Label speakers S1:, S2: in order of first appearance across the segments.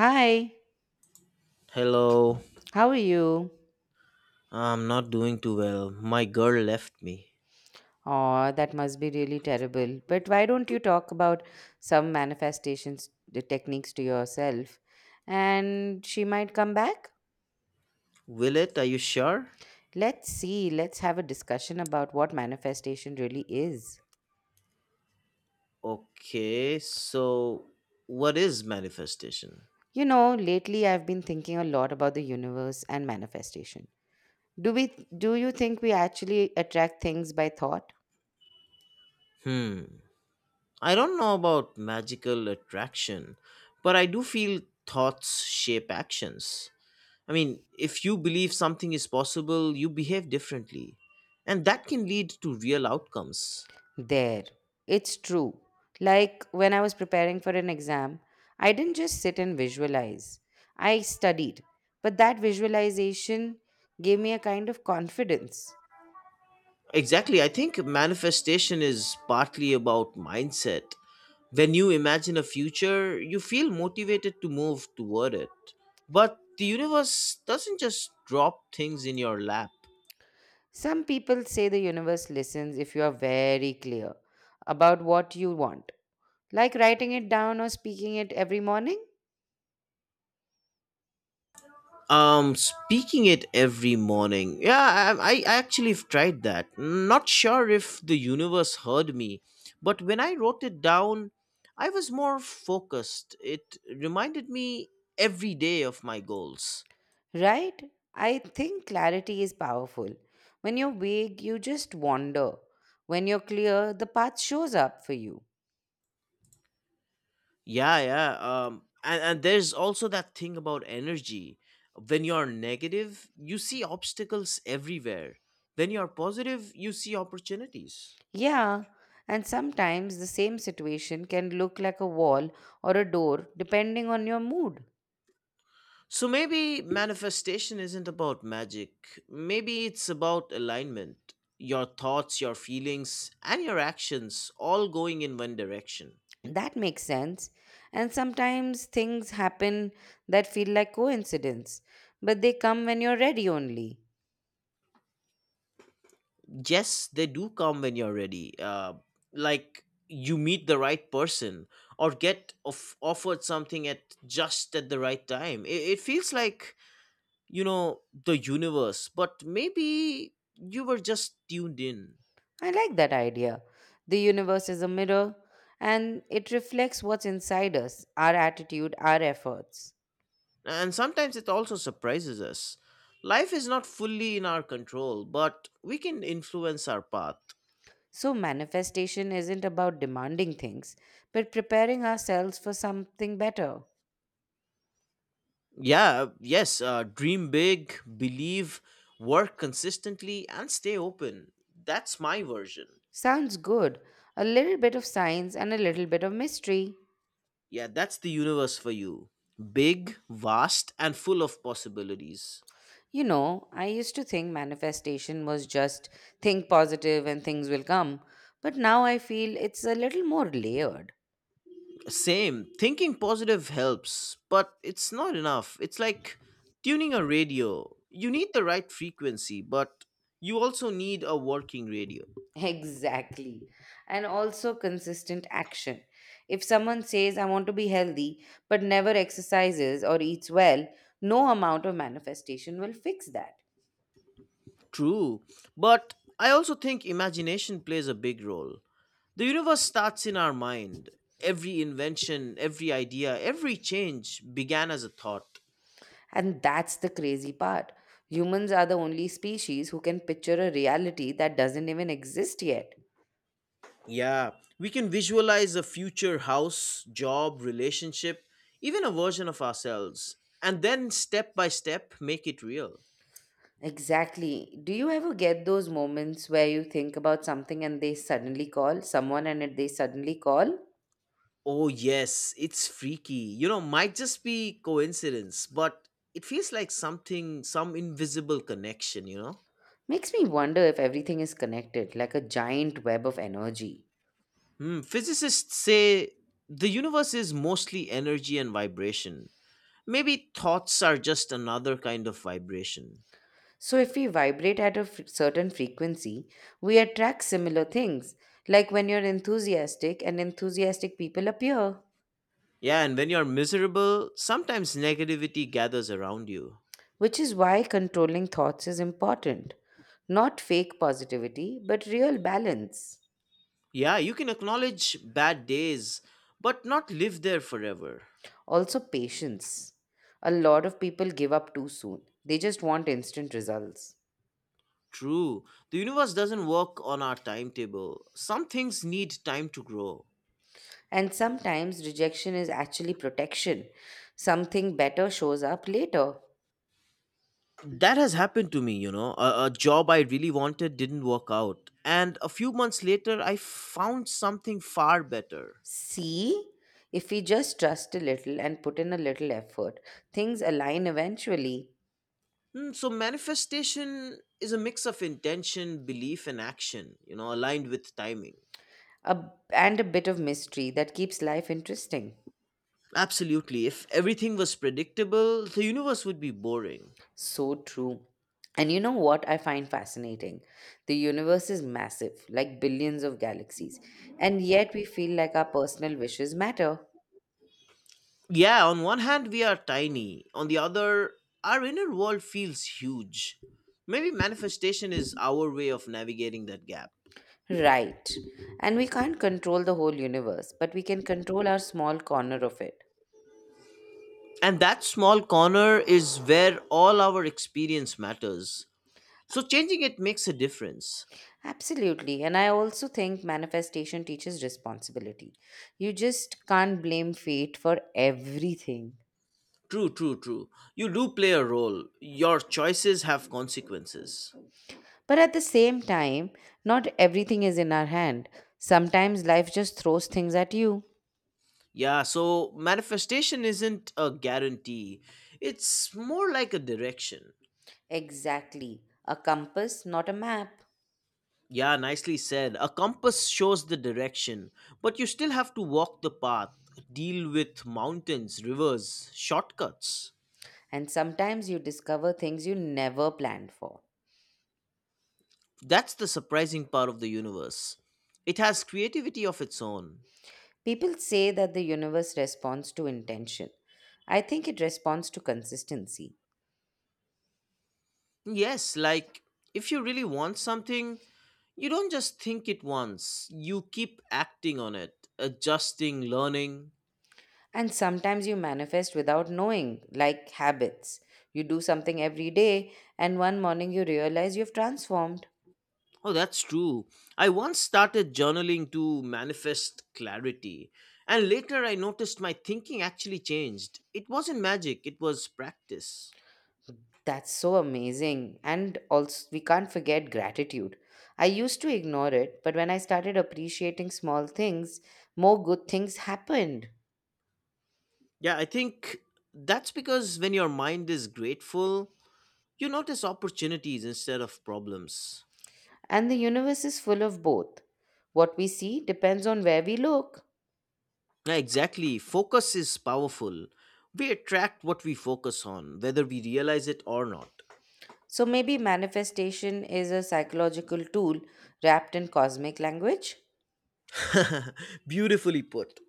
S1: Hi,
S2: Hello,
S1: how are you?
S2: I'm not doing too well. My girl left me.
S1: Oh, that must be really terrible. But why don't you talk about some manifestations the techniques to yourself? And she might come back?
S2: Will it? Are you sure?
S1: Let's see, let's have a discussion about what manifestation really is.
S2: Okay, so what is manifestation?
S1: You know, lately I've been thinking a lot about the universe and manifestation. Do you think we actually attract things by thought?
S2: Hmm, I don't know about magical attraction, but I do feel thoughts shape actions. I mean, if you believe something is possible, you behave differently, and that can lead to real outcomes.
S1: There. It's true. Like when I was preparing for an exam, I didn't just sit and visualize. I studied. But that visualization gave me a kind of confidence.
S2: Exactly, I think manifestation is partly about mindset. When you imagine a future, you feel motivated to move toward it. But the universe doesn't just drop things in your lap.
S1: Some people say the universe listens if you are very clear about what you want, like writing it down or speaking it every morning,
S2: Speaking it every morning. Yeah, I actually have tried that. Not sure if the universe heard me, but when I wrote it down, I was more focused. It reminded me every day of my goals.
S1: right? I think clarity is powerful. When you're vague, you just wander. When you're clear, the path shows up for you.
S2: Yeah, yeah. And there's also that thing about energy. When you're negative, you see obstacles everywhere. When you're positive, you see opportunities.
S1: Yeah, and sometimes the same situation can look like a wall or a door depending on your mood.
S2: So maybe manifestation isn't about magic. Maybe it's about alignment. Your thoughts, your feelings, and your actions all going in one direction.
S1: That makes sense. And sometimes things happen that feel like coincidence, but they come when you're ready only.
S2: Yes, they do come when you're ready, like you meet the right person or get offered something at just at the right time. It feels like, you know, the universe, but maybe you were just tuned in.
S1: I like that idea. The universe is a mirror and it reflects what's inside us, our attitude, our efforts.
S2: And sometimes it also surprises us. Life is not fully in our control, but we can influence our path.
S1: So, manifestation isn't about demanding things, but preparing ourselves for something better.
S2: Yeah, yes, dream big, believe, work consistently, and stay open. That's my version.
S1: Sounds good. A little bit of science and a little bit of mystery.
S2: Yeah, that's the universe for you. Big, vast, and full of possibilities.
S1: You know, I used to think manifestation was just think positive and things will come, but now I feel it's a little more layered.
S2: Same. Thinking positive helps, but it's not enough. It's like tuning a radio. You need the right frequency, but you also need a working radio.
S1: Exactly. And also consistent action. If someone says, I want to be healthy, but never exercises or eats well, no amount of manifestation will fix that.
S2: True. But I also think imagination plays a big role. The universe starts in our mind. Every invention, every idea, every change began as a thought.
S1: And that's the crazy part. Humans are the only species who can picture a reality that doesn't even exist yet.
S2: Yeah, we can visualize a future house, job, relationship, even a version of ourselves, and then step by step make it real.
S1: Exactly. Do you ever get those moments where you think about something and they suddenly call someone and they suddenly call?
S2: Oh, yes, it's freaky. You know, might just be coincidence, but it feels like something, some invisible connection, you know?
S1: Makes me wonder if everything is connected, like a giant web of energy.
S2: Physicists say the universe is mostly energy and vibration. Maybe thoughts are just another kind of vibration.
S1: So, if we vibrate at a certain frequency, we attract similar things, like when you're enthusiastic and enthusiastic people appear.
S2: Yeah, and when you're miserable, sometimes negativity gathers around you.
S1: Which is why controlling thoughts is important. Not fake positivity, but real balance.
S2: Yeah, you can acknowledge bad days, but not live there forever.
S1: Also, patience. A lot of people give up too soon, they just want instant results.
S2: True, the universe doesn't work on our timetable. Some things need time to grow.
S1: And sometimes rejection is actually protection. Something better shows up later.
S2: That has happened to me, you know. A job I really wanted didn't work out. And a few months later, I found something far better.
S1: See, if we just trust a little and put in a little effort, things align eventually.
S2: So, manifestation is a mix of intention, belief, and action, you know, aligned with timing.
S1: A, and a bit of mystery that keeps life interesting.
S2: Absolutely. If everything was predictable, the universe would be boring.
S1: So true. And you know what I find fascinating? The universe is massive, like billions of galaxies, and yet we feel like our personal wishes matter.
S2: Yeah, on one hand, we are tiny. On the other, our inner world feels huge. Maybe manifestation is our way of navigating that gap.
S1: Right. And we can't control the whole universe, but we can control our small corner of it.
S2: And that small corner is where all our experience matters. So changing it makes a difference.
S1: Absolutely. And I also think manifestation teaches responsibility. You just can't blame fate for everything.
S2: True, true, true. You do play a role. Your choices have consequences.
S1: But at the same time, not everything is in our hand. Sometimes life just throws things at you.
S2: Yeah, so manifestation isn't a guarantee. It's more like a direction.
S1: Exactly. A compass, not a map.
S2: Yeah, nicely said. A compass shows the direction, but you still have to walk the path, deal with mountains, rivers, shortcuts.
S1: And sometimes you discover things you never planned for.
S2: That's the surprising part of the universe. It has creativity of its own.
S1: People say that the universe responds to intention. I think it responds to consistency.
S2: Yes, like if you really want something, you don't just think it once, you keep acting on it, adjusting, learning.
S1: And sometimes you manifest without knowing, like habits. You do something every day, and one morning you realize you've transformed.
S2: Oh, that's true. I once started journaling to manifest clarity. And later I noticed my thinking actually changed. It wasn't magic, it was practice.
S1: That's so amazing. And also, we can't forget gratitude. I used to ignore it, but when I started appreciating small things, more good things happened.
S2: Yeah, I think that's because when your mind is grateful, you notice opportunities instead of problems.
S1: And the universe is full of both. What we see depends on where we look.
S2: Yeah, exactly. Focus is powerful. We attract what we focus on, whether we realize it or not.
S1: So maybe manifestation is a psychological tool wrapped in cosmic language?
S2: Beautifully put.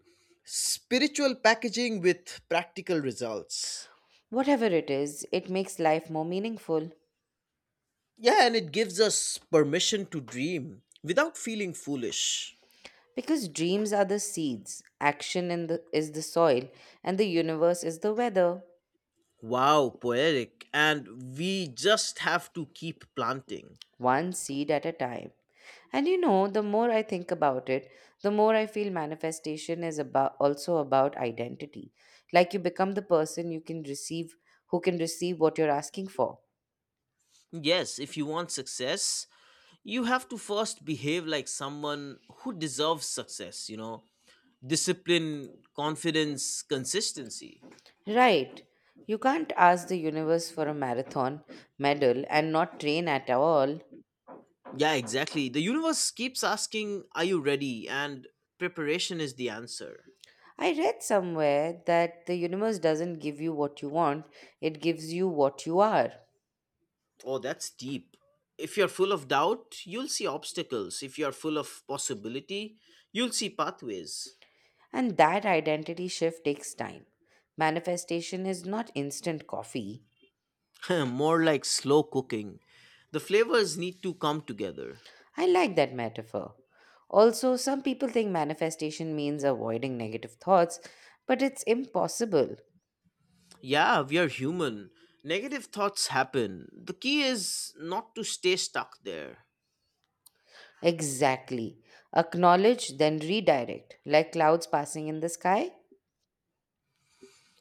S2: Spiritual packaging with practical results.
S1: Whatever it is, it makes life more meaningful.
S2: Yeah, and it gives us permission to dream without feeling foolish.
S1: Because dreams are the seeds, action in the, is the soil, and the universe is the weather,
S2: Wow, poetic. And we just have to keep planting.
S1: one seed at a time. And you know, the more I think about it, the more I feel manifestation is about also about identity. Like you become the person you can receive who can receive what you're asking for.
S2: Yes, if you want success, you have to first behave like someone who deserves success, you know? Discipline, confidence, consistency.
S1: Right. You can't ask the universe for a marathon medal and not train at all.
S2: Yeah, exactly. The universe keeps asking, are you ready? And preparation is the answer.
S1: I read somewhere that the universe doesn't give you what you want, it gives you what you are.
S2: Oh, that's deep. If you're full of doubt, you'll see obstacles. If you're full of possibility, you'll see pathways.
S1: And that identity shift takes time. Manifestation is not instant coffee.
S2: More like slow cooking. The flavors need to come together.
S1: I like that metaphor. Also, some people think manifestation means avoiding negative thoughts, but it's impossible.
S2: Yeah, we are human. Negative thoughts happen. The key is not to stay stuck there.
S1: Exactly. Acknowledge, then redirect, like clouds passing in the sky.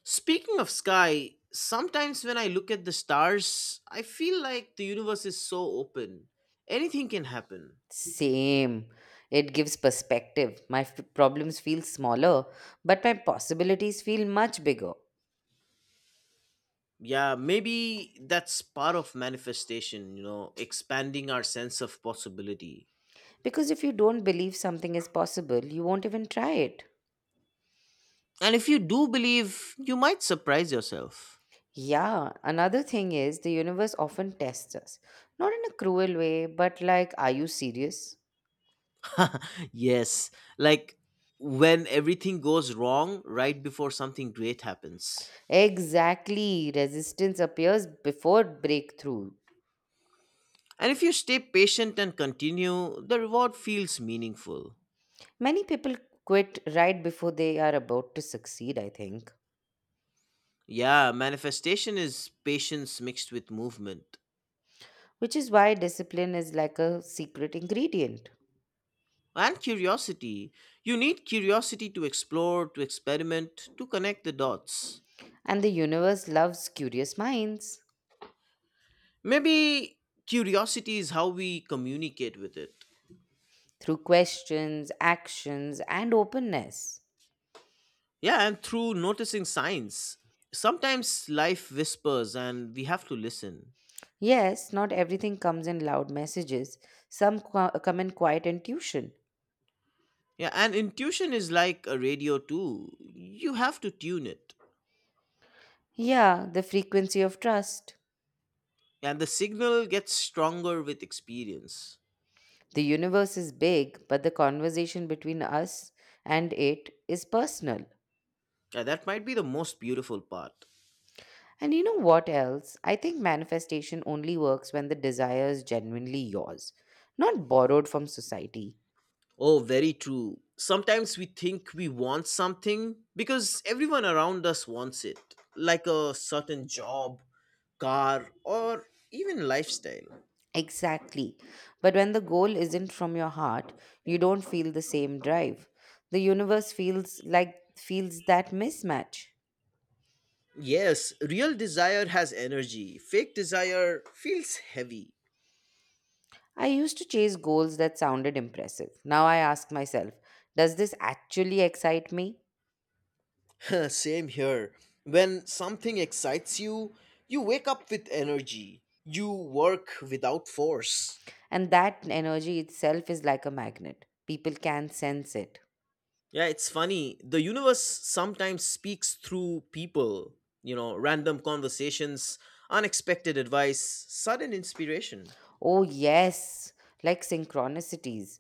S2: Speaking of sky, sometimes when I look at the stars, I feel like the universe is so open. Anything can happen.
S1: Same. It gives perspective. My problems feel smaller, but my possibilities feel much bigger.
S2: Yeah, maybe that's part of manifestation, you know, expanding our sense of possibility.
S1: Because if you don't believe something is possible, you won't even try it.
S2: And if you do believe, you might surprise yourself.
S1: Yeah, another thing is the universe often tests us. Not in a cruel way, but like, are you serious?
S2: Yes, like when everything goes wrong right before something great happens.
S1: Exactly, resistance appears before breakthrough.
S2: And if you stay patient and continue, the reward feels meaningful.
S1: Many people quit right before they are about to succeed, I think,
S2: Yeah, manifestation is patience mixed with movement
S1: which is why discipline is like a secret ingredient.
S2: and curiosity. You need curiosity to explore, to experiment, to connect the dots.
S1: And the universe loves curious minds
S2: Maybe curiosity is how we communicate with it.
S1: through questions, actions, and openness.
S2: Yeah, and through noticing signs. Sometimes life whispers and we have to listen.
S1: Yes, not everything comes in loud messages, some come in quiet intuition.
S2: Yeah, and intuition is like a radio too. You have to tune it.
S1: Yeah, the frequency of trust.
S2: And the signal gets stronger with experience.
S1: The universe is big, but the conversation between us and it is personal.
S2: Yeah, that might be the most beautiful part.
S1: And you know what else? I think manifestation only works when the desire is genuinely yours, not borrowed from society.
S2: Oh, very true. Sometimes we think we want something because everyone around us wants it, like a certain job, car, or even lifestyle.
S1: Exactly. But when the goal isn't from your heart, you don't feel the same drive. The universe feels like feels that mismatch.
S2: Yes, real desire has energy, fake desire feels heavy.
S1: I used to chase goals that sounded impressive. Now I ask myself, does this actually excite me?
S2: Same here. When something excites you, you wake up with energy, you work without force.
S1: And that energy itself is like a magnet. People can sense it.
S2: Yeah, it's funny. The universe sometimes speaks through people, you know, random conversations, unexpected advice, sudden inspiration.
S1: Oh, yes, like synchronicities,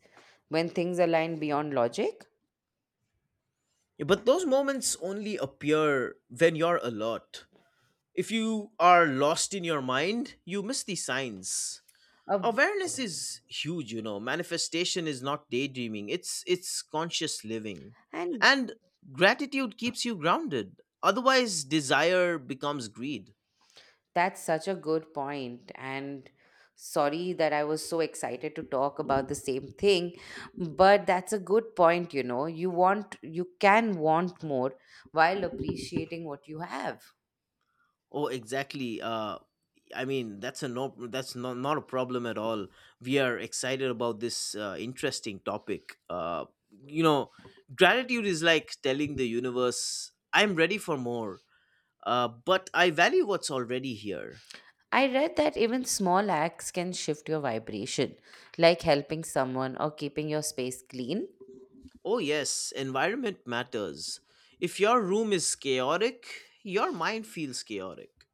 S1: when things align beyond logic.
S2: Yeah, but those moments only appear when you're alert. If you are lost in your mind, you miss the signs.
S1: Of-
S2: Awareness is huge, you know. Manifestation is not daydreaming. It's conscious living.
S1: and
S2: And gratitude keeps you grounded. Otherwise, desire becomes greed.
S1: that's such a good point, and sorry that I was so excited to talk about the same thing, but that's a good point, you know. You can want more while appreciating what you have.
S2: Oh, exactly. I mean, that's a no, that's not a problem at all. We are excited about this interesting topic. You know, gratitude is like telling the universe, I'm ready for more, but I value what's already here.
S1: I read that even small acts can shift your vibration, like helping someone or keeping your space clean.
S2: Oh, yes, environment matters. If your room is chaotic, your mind feels chaotic.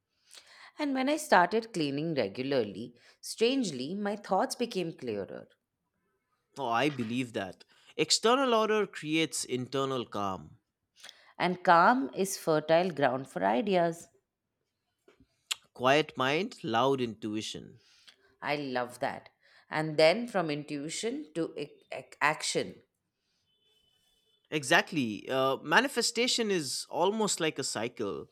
S1: And when I started cleaning regularly, strangely, my thoughts became clearer.
S2: Oh, I believe that. External order creates internal calm.
S1: And calm is fertile ground for ideas.
S2: Quiet mind, loud intuition.
S1: I love that. And then from intuition to action.
S2: Exactly. Manifestation is almost like a cycle.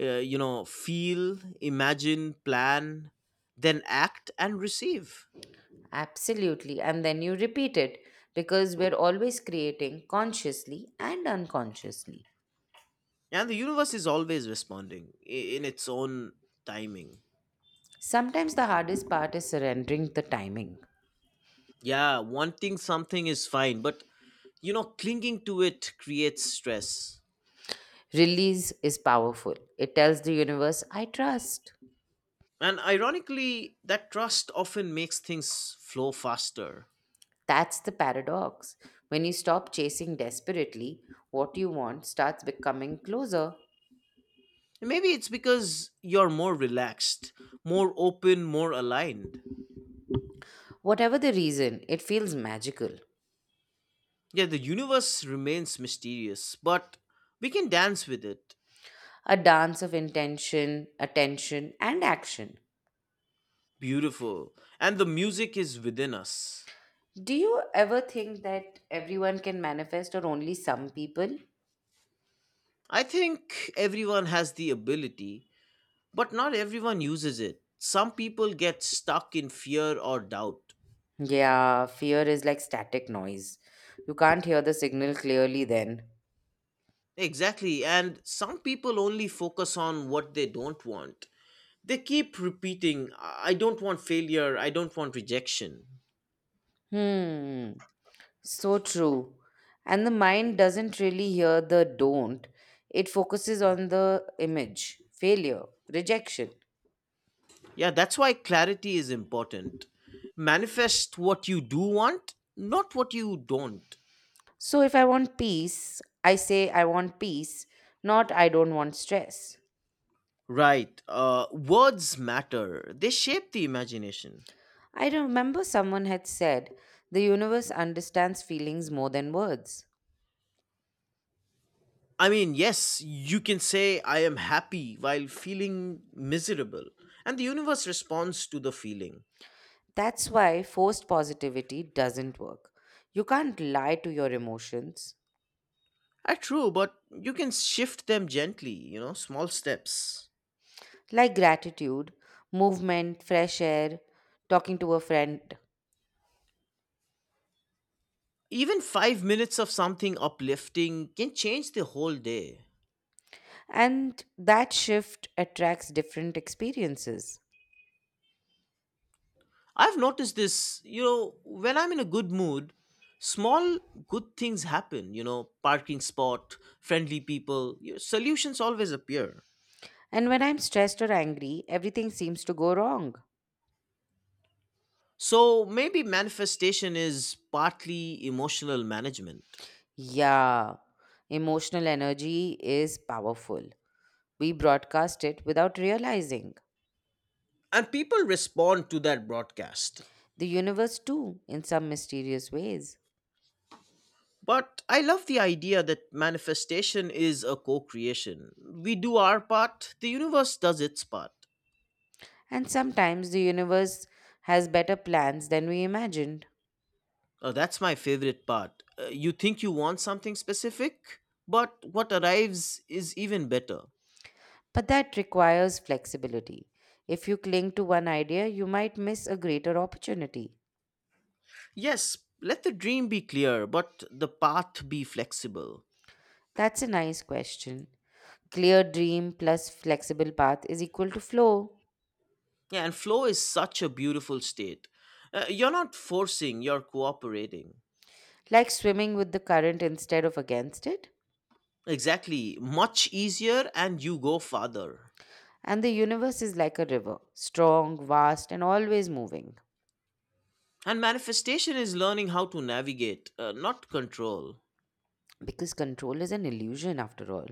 S2: You know, feel, imagine, plan, then act and receive.
S1: Absolutely. And then you repeat it because we're always creating consciously and unconsciously.
S2: And the universe is always responding in its own timing.
S1: Sometimes the hardest part is surrendering the timing.
S2: Yeah, wanting something is fine, but you know, clinging to it creates stress.
S1: Release is powerful, it tells the universe, I trust.
S2: And ironically, that trust often makes things flow faster.
S1: That's the paradox. When you stop chasing desperately, what you want starts becoming closer.
S2: Maybe it's because you're more relaxed, more open, more aligned.
S1: Whatever the reason, it feels magical.
S2: Yeah, the universe remains mysterious, but we can dance with it.
S1: A dance of intention, attention, and action.
S2: Beautiful. And the music is within us.
S1: Do you ever think that everyone can manifest or only some people?
S2: I think everyone has the ability, but not everyone uses it. Some people get stuck in fear or doubt.
S1: Yeah, fear is like static noise. You can't hear the signal clearly then.
S2: Exactly, and some people only focus on what they don't want. They keep repeating, I don't want failure, I don't want rejection.
S1: Hmm, so true. And the mind doesn't really hear the don't, it focuses on the image, failure, rejection.
S2: Yeah, that's why clarity is important. Manifest what you do want, not what you don't.
S1: So if I want peace, I say I want peace, not I don't want stress.
S2: Right. Words matter, they shape the imagination.
S1: I remember someone had said, the universe understands feelings more than words.
S2: I mean, yes, you can say, I am happy while feeling miserable, and the universe responds to the feeling.
S1: That's why forced positivity doesn't work. You can't lie to your emotions.
S2: Ah, true, but you can shift them gently, you know, small steps.
S1: Like gratitude, movement, fresh air, talking to a friend.
S2: Even 5 minutes of something uplifting can change the whole day.
S1: And that shift attracts different experiences.
S2: I've noticed this, you know, when I'm in a good mood, small good things happen, you know, parking spot, friendly people, you solutions always appear.
S1: And when I'm stressed or angry, everything seems to go wrong.
S2: So maybe manifestation is partly emotional management.
S1: Yeah, emotional energy is powerful. We broadcast it without realizing.
S2: And people respond to that broadcast.
S1: The universe too, in some mysterious ways.
S2: But I love the idea that manifestation is a co creation. We do our part, the universe does its part.
S1: And sometimes the universe has better plans than we imagined.
S2: That's my favorite part. You think you want something specific, but what arrives is even better.
S1: But that requires flexibility. If you cling to one idea, you might miss a greater opportunity.
S2: Yes, let the dream be clear, but the path be flexible.
S1: That's a nice question. Clear dream plus flexible path is equal to flow,
S2: Yeah, and flow is such a beautiful state. You're not forcing, you're cooperating.
S1: like swimming with the current instead of against it.
S2: Exactly. Much easier, and you go farther.
S1: And the universe is like a river, strong, vast, and always moving,
S2: And manifestation is learning how to navigate, not control.
S1: because control is an illusion after all.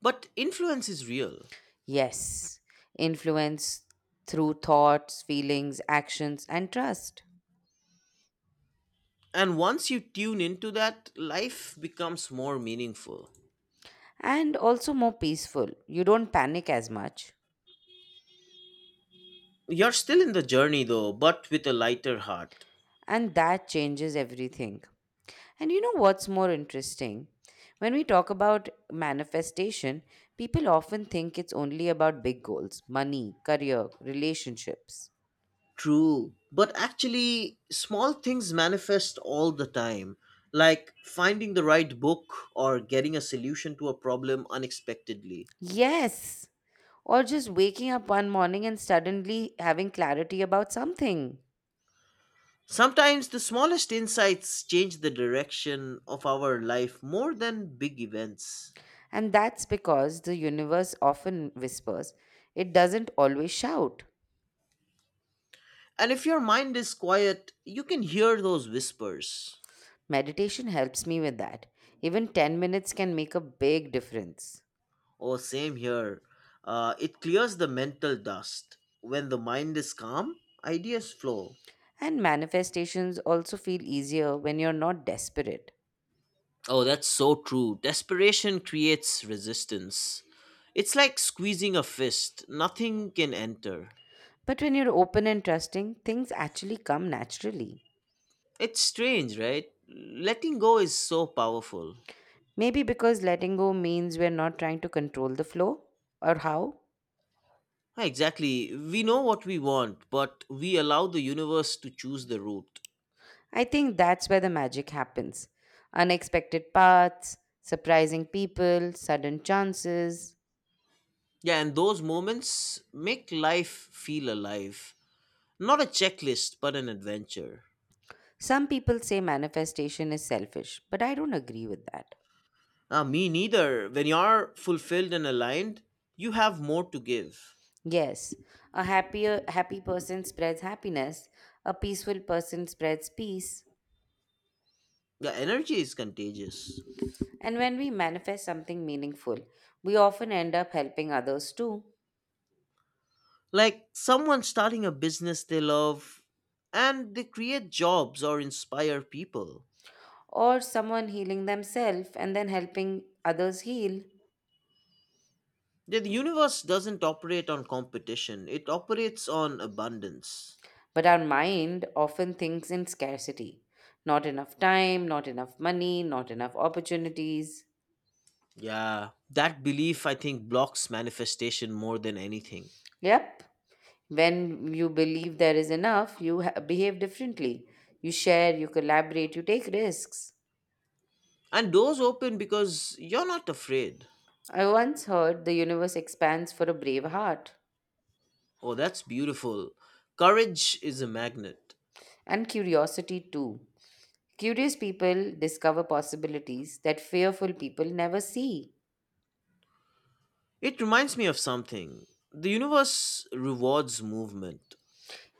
S2: But influence is real.
S1: Yes, influence through thoughts, feelings, actions, and trust.
S2: And once you tune into that, life becomes more meaningful.
S1: And also more peaceful. You don't panic as much.
S2: You're still in the journey though, but with a lighter heart.
S1: And that changes everything. And you know what's more interesting? When we talk about manifestation, people often think it's only about big goals money, career, relationships.
S2: True. But actually, small things manifest all the time, like finding the right book or getting a solution to a problem unexpectedly.
S1: Yes! Or just waking up one morning and suddenly having clarity about something.
S2: Sometimes the smallest insights change the direction of our life more than big events.
S1: And that's because the universe often whispers, it doesn't always shout.
S2: And if your mind is quiet, you can hear those whispers.
S1: Meditation helps me with that. Even 10 minutes can make a big difference.
S2: Oh, same here. It clears the mental dust. When the mind is calm, ideas flow.
S1: And manifestations also feel easier when you're not desperate.
S2: Oh, that's so true. Desperation creates resistance. It's like squeezing a fist, nothing can enter.
S1: But when you're open and trusting, things actually come naturally.
S2: It's strange, right? Letting go is so powerful.
S1: Maybe because letting go means we're not trying to control the flow or how.
S2: Ah, exactly. We know what we want, but we allow the universe to choose the route.
S1: I think that's where the magic happens. Unexpected paths, surprising people, sudden chances.
S2: Yeah, and those moments make life feel alive. Not a checklist, but an adventure.
S1: Some people say manifestation is selfish, but I don't agree with that.
S2: Ah, me neither. When you're fulfilled and aligned, you have more to give.
S1: Yes, a happier happy person spreads happiness, a peaceful person spreads peace,
S2: The energy is contagious.
S1: and when we manifest something meaningful, we often end up helping others too,
S2: Like someone starting a business they love and they create jobs or inspire people.
S1: or someone healing themselves and then helping others heal.
S2: The universe doesn't operate on competition, it operates on abundance.
S1: But our mind often thinks in scarcity. Not enough time, not enough money, not enough opportunities.
S2: Yeah, that belief I think blocks manifestation more than anything.
S1: Yep, when you believe there is enough, you behave differently. You share, you collaborate, you take risks.
S2: And doors open because you're not afraid.
S1: I once heard the universe expands for a brave heart
S2: Oh, that's beautiful. Courage is a magnet.
S1: and curiosity too. Curious people discover possibilities that fearful people never see.
S2: It reminds me of something. The universe rewards movement.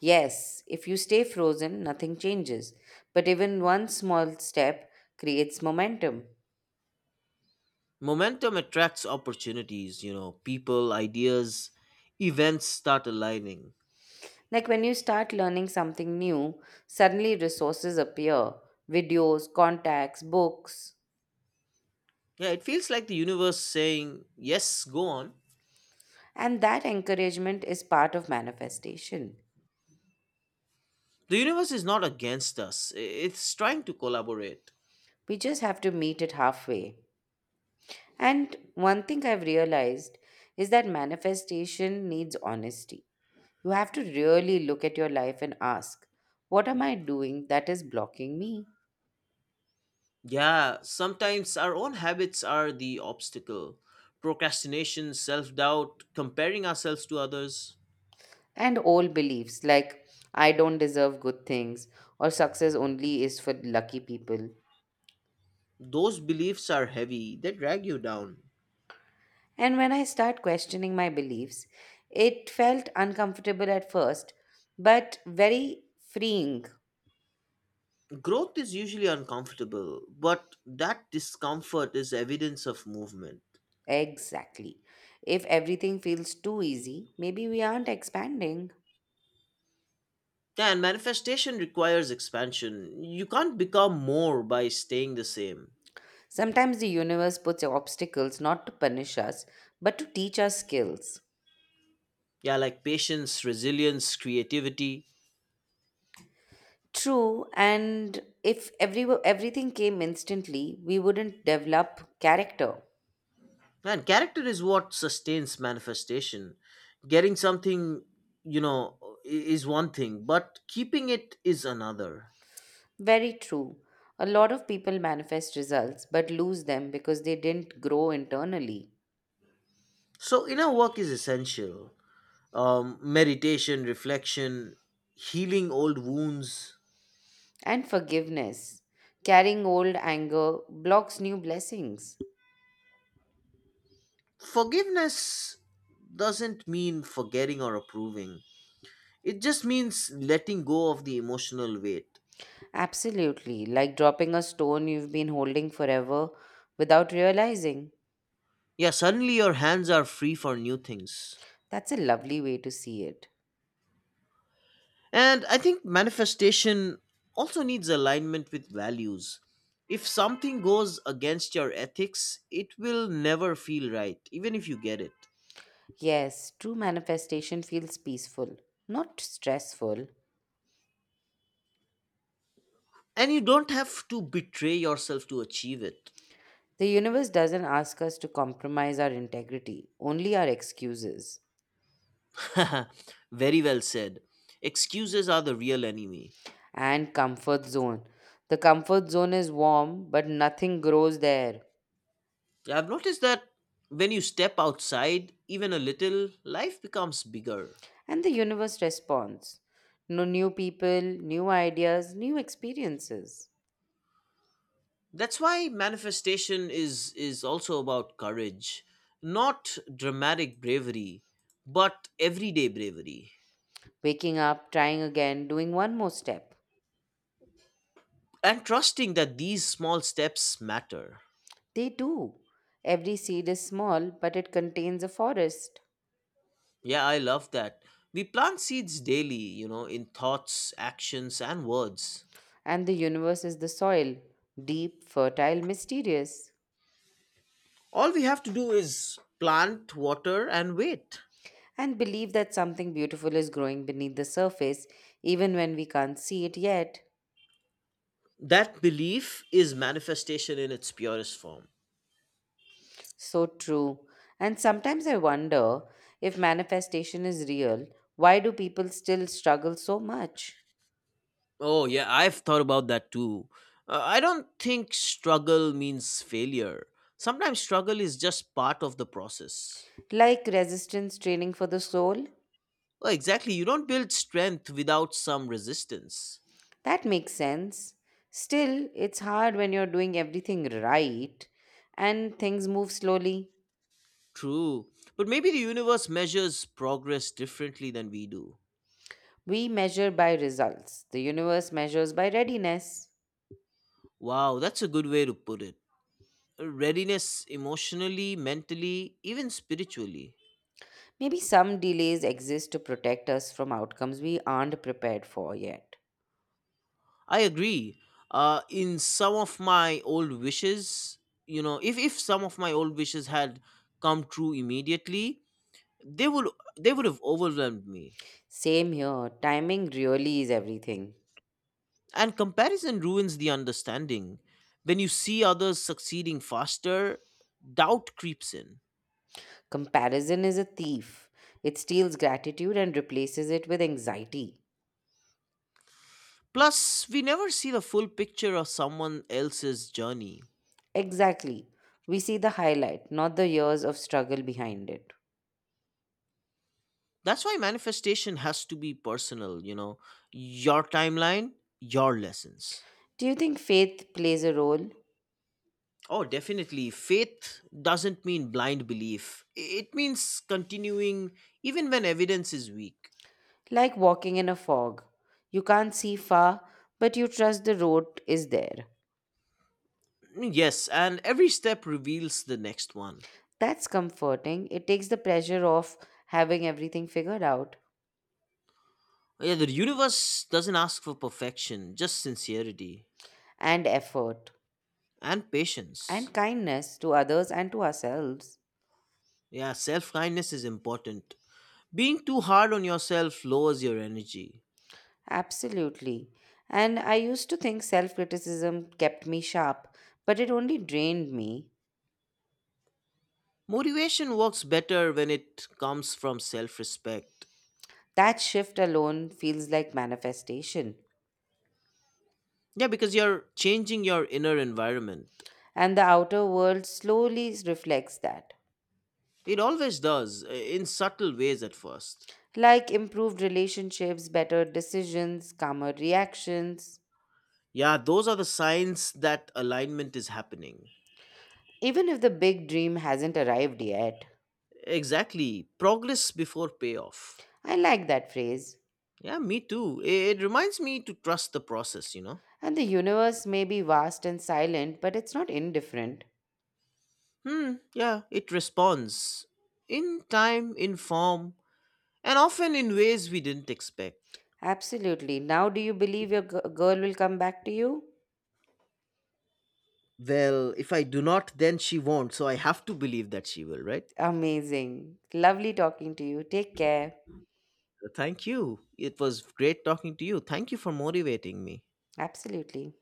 S1: Yes, if you stay frozen, nothing changes. But even one small step creates momentum.
S2: Momentum attracts opportunities, you know, people, ideas, events start aligning.
S1: Like when you start learning something new, suddenly resources appear videos, contacts, books.
S2: Yeah, it feels like the universe saying, yes, go on.
S1: And that encouragement is part of manifestation.
S2: The universe is not against us, it's trying to collaborate.
S1: We just have to meet it halfway. And one thing I've realized is that manifestation needs honesty. You have to really look at your life and ask, what am I doing that is blocking me?
S2: Yeah, sometimes our own habits are the obstacle. Procrastination, self doubt, comparing ourselves to others.
S1: And old beliefs like, I don't deserve good things, or success only is for lucky people.
S2: Those beliefs are heavy, they drag you down.
S1: And when I start questioning my beliefs, it felt uncomfortable at first, but very freeing.
S2: Growth is usually uncomfortable, but that discomfort is evidence of movement.
S1: Exactly. If everything feels too easy, maybe we aren't expanding.
S2: Yeah, and manifestation requires expansion. You can't become more by staying the same.
S1: Sometimes the universe puts obstacles not to punish us, but to teach us skills.
S2: Yeah, like patience, resilience, creativity.
S1: True, and if everything came instantly, we wouldn't develop character.
S2: Man, character is what sustains manifestation. Getting something, you know, i- is one thing, but keeping it is another.
S1: Very true. A lot of people manifest results but lose them because they didn't grow internally.
S2: So inner work is essential. Meditation, reflection, healing old wounds,
S1: And forgiveness. Carrying old anger blocks new blessings.
S2: forgiveness doesn't mean forgetting or approving. It just means letting go of the emotional weight.
S1: Absolutely, like dropping a stone you've been holding forever without realizing.
S2: Yeah, suddenly your hands are free for new things.
S1: That's a lovely way to see it.
S2: And I think manifestation also needs alignment with values. If something goes against your ethics, it will never feel right, even if you get it.
S1: Yes, true manifestation feels peaceful, not stressful.
S2: And you don't have to betray yourself to achieve it.
S1: The universe doesn't ask us to compromise our integrity, only our excuses.
S2: Very well said. Excuses are the real enemy.
S1: And comfort zone. The comfort zone is warm, but nothing grows there.
S2: Yeah, I've noticed that when you step outside even a little, life becomes bigger.
S1: And the universe responds. No new people, new ideas, new experiences.
S2: That's why manifestation is also about courage, not dramatic bravery, but everyday bravery.
S1: Waking up, trying again, doing one more step.
S2: And trusting that these small steps matter.
S1: They do. Every seed is small, but it contains a forest.
S2: Yeah, I love that. We plant seeds daily, you know, in thoughts, actions, and words.
S1: And the universe is the soil, deep, fertile, mysterious.
S2: All we have to do is plant, water, and wait.
S1: And believe that something beautiful is growing beneath the surface, even when we can't see it yet.
S2: That belief is manifestation in its purest form.
S1: So true. And sometimes I wonder if manifestation is real, why do people still struggle so much?
S2: Oh, yeah, I've thought about that too. I don't think struggle means failure. Sometimes struggle is just part of the process.
S1: Like resistance training for the soul?
S2: Well, exactly, you don't build strength without some resistance.
S1: That makes sense. Still, it's hard when you're doing everything right and things move slowly.
S2: True, but maybe the universe measures progress differently than we do.
S1: We measure by results, the universe measures by readiness.
S2: Wow, that's a good way to put it. Readiness emotionally, mentally, even spiritually.
S1: Maybe some delays exist to protect us from outcomes we aren't prepared for yet.
S2: I agree. In some of my old wishes, you know, if some of my old wishes had come true immediately, they would they would have overwhelmed me.
S1: Same here, timing really is everything.
S2: And comparison ruins the understanding. When you see others succeeding faster, doubt creeps in.
S1: Comparison is a thief, it steals gratitude and replaces it with anxiety.
S2: Plus, we never see the full picture of someone else's journey.
S1: Exactly. We see the highlight, not the years of struggle behind it.
S2: That's why manifestation has to be personal, you know, your timeline, your lessons.
S1: Do you think faith plays a role?
S2: Oh, definitely. Faith doesn't mean blind belief. It means continuing even when evidence is weak.
S1: Like walking in a fog. You can't see far, but you trust the road is there.
S2: Yes, and every step reveals the next one.
S1: That's comforting. It takes the pressure off having everything figured out,
S2: Yeah, the universe doesn't ask for perfection, just sincerity
S1: and effort,
S2: and patience.
S1: and kindness to others and to ourselves.
S2: Yeah, self kindness is important. Being too hard on yourself lowers your energy.
S1: Absolutely. And I used to think self criticism kept me sharp, but it only drained me.
S2: Motivation works better when it comes from self respect.
S1: That shift alone feels like manifestation,
S2: Yeah, because you're changing your inner environment.
S1: and the outer world slowly reflects that.
S2: It always does, in subtle ways at first.
S1: Like improved relationships, better decisions, calmer reactions,
S2: Yeah, those are the signs that alignment is happening.
S1: even if the big dream hasn't arrived yet.
S2: Exactly. Progress before payoff.
S1: I like that phrase.
S2: Yeah, me too. It reminds me to trust the process, you know?
S1: And the universe may be vast and silent, but it's not indifferent.
S2: Hmm, yeah, it responds. In time, in form, and often in ways we didn't expect.
S1: Absolutely. Now, do you believe your girl will come back to you?
S2: Well, if I do not, then she won't, so I have to believe that she will, right?
S1: Amazing. Lovely talking to you. Take care.
S2: Thank you. It was great talking to you. Thank you for motivating me.
S1: Absolutely.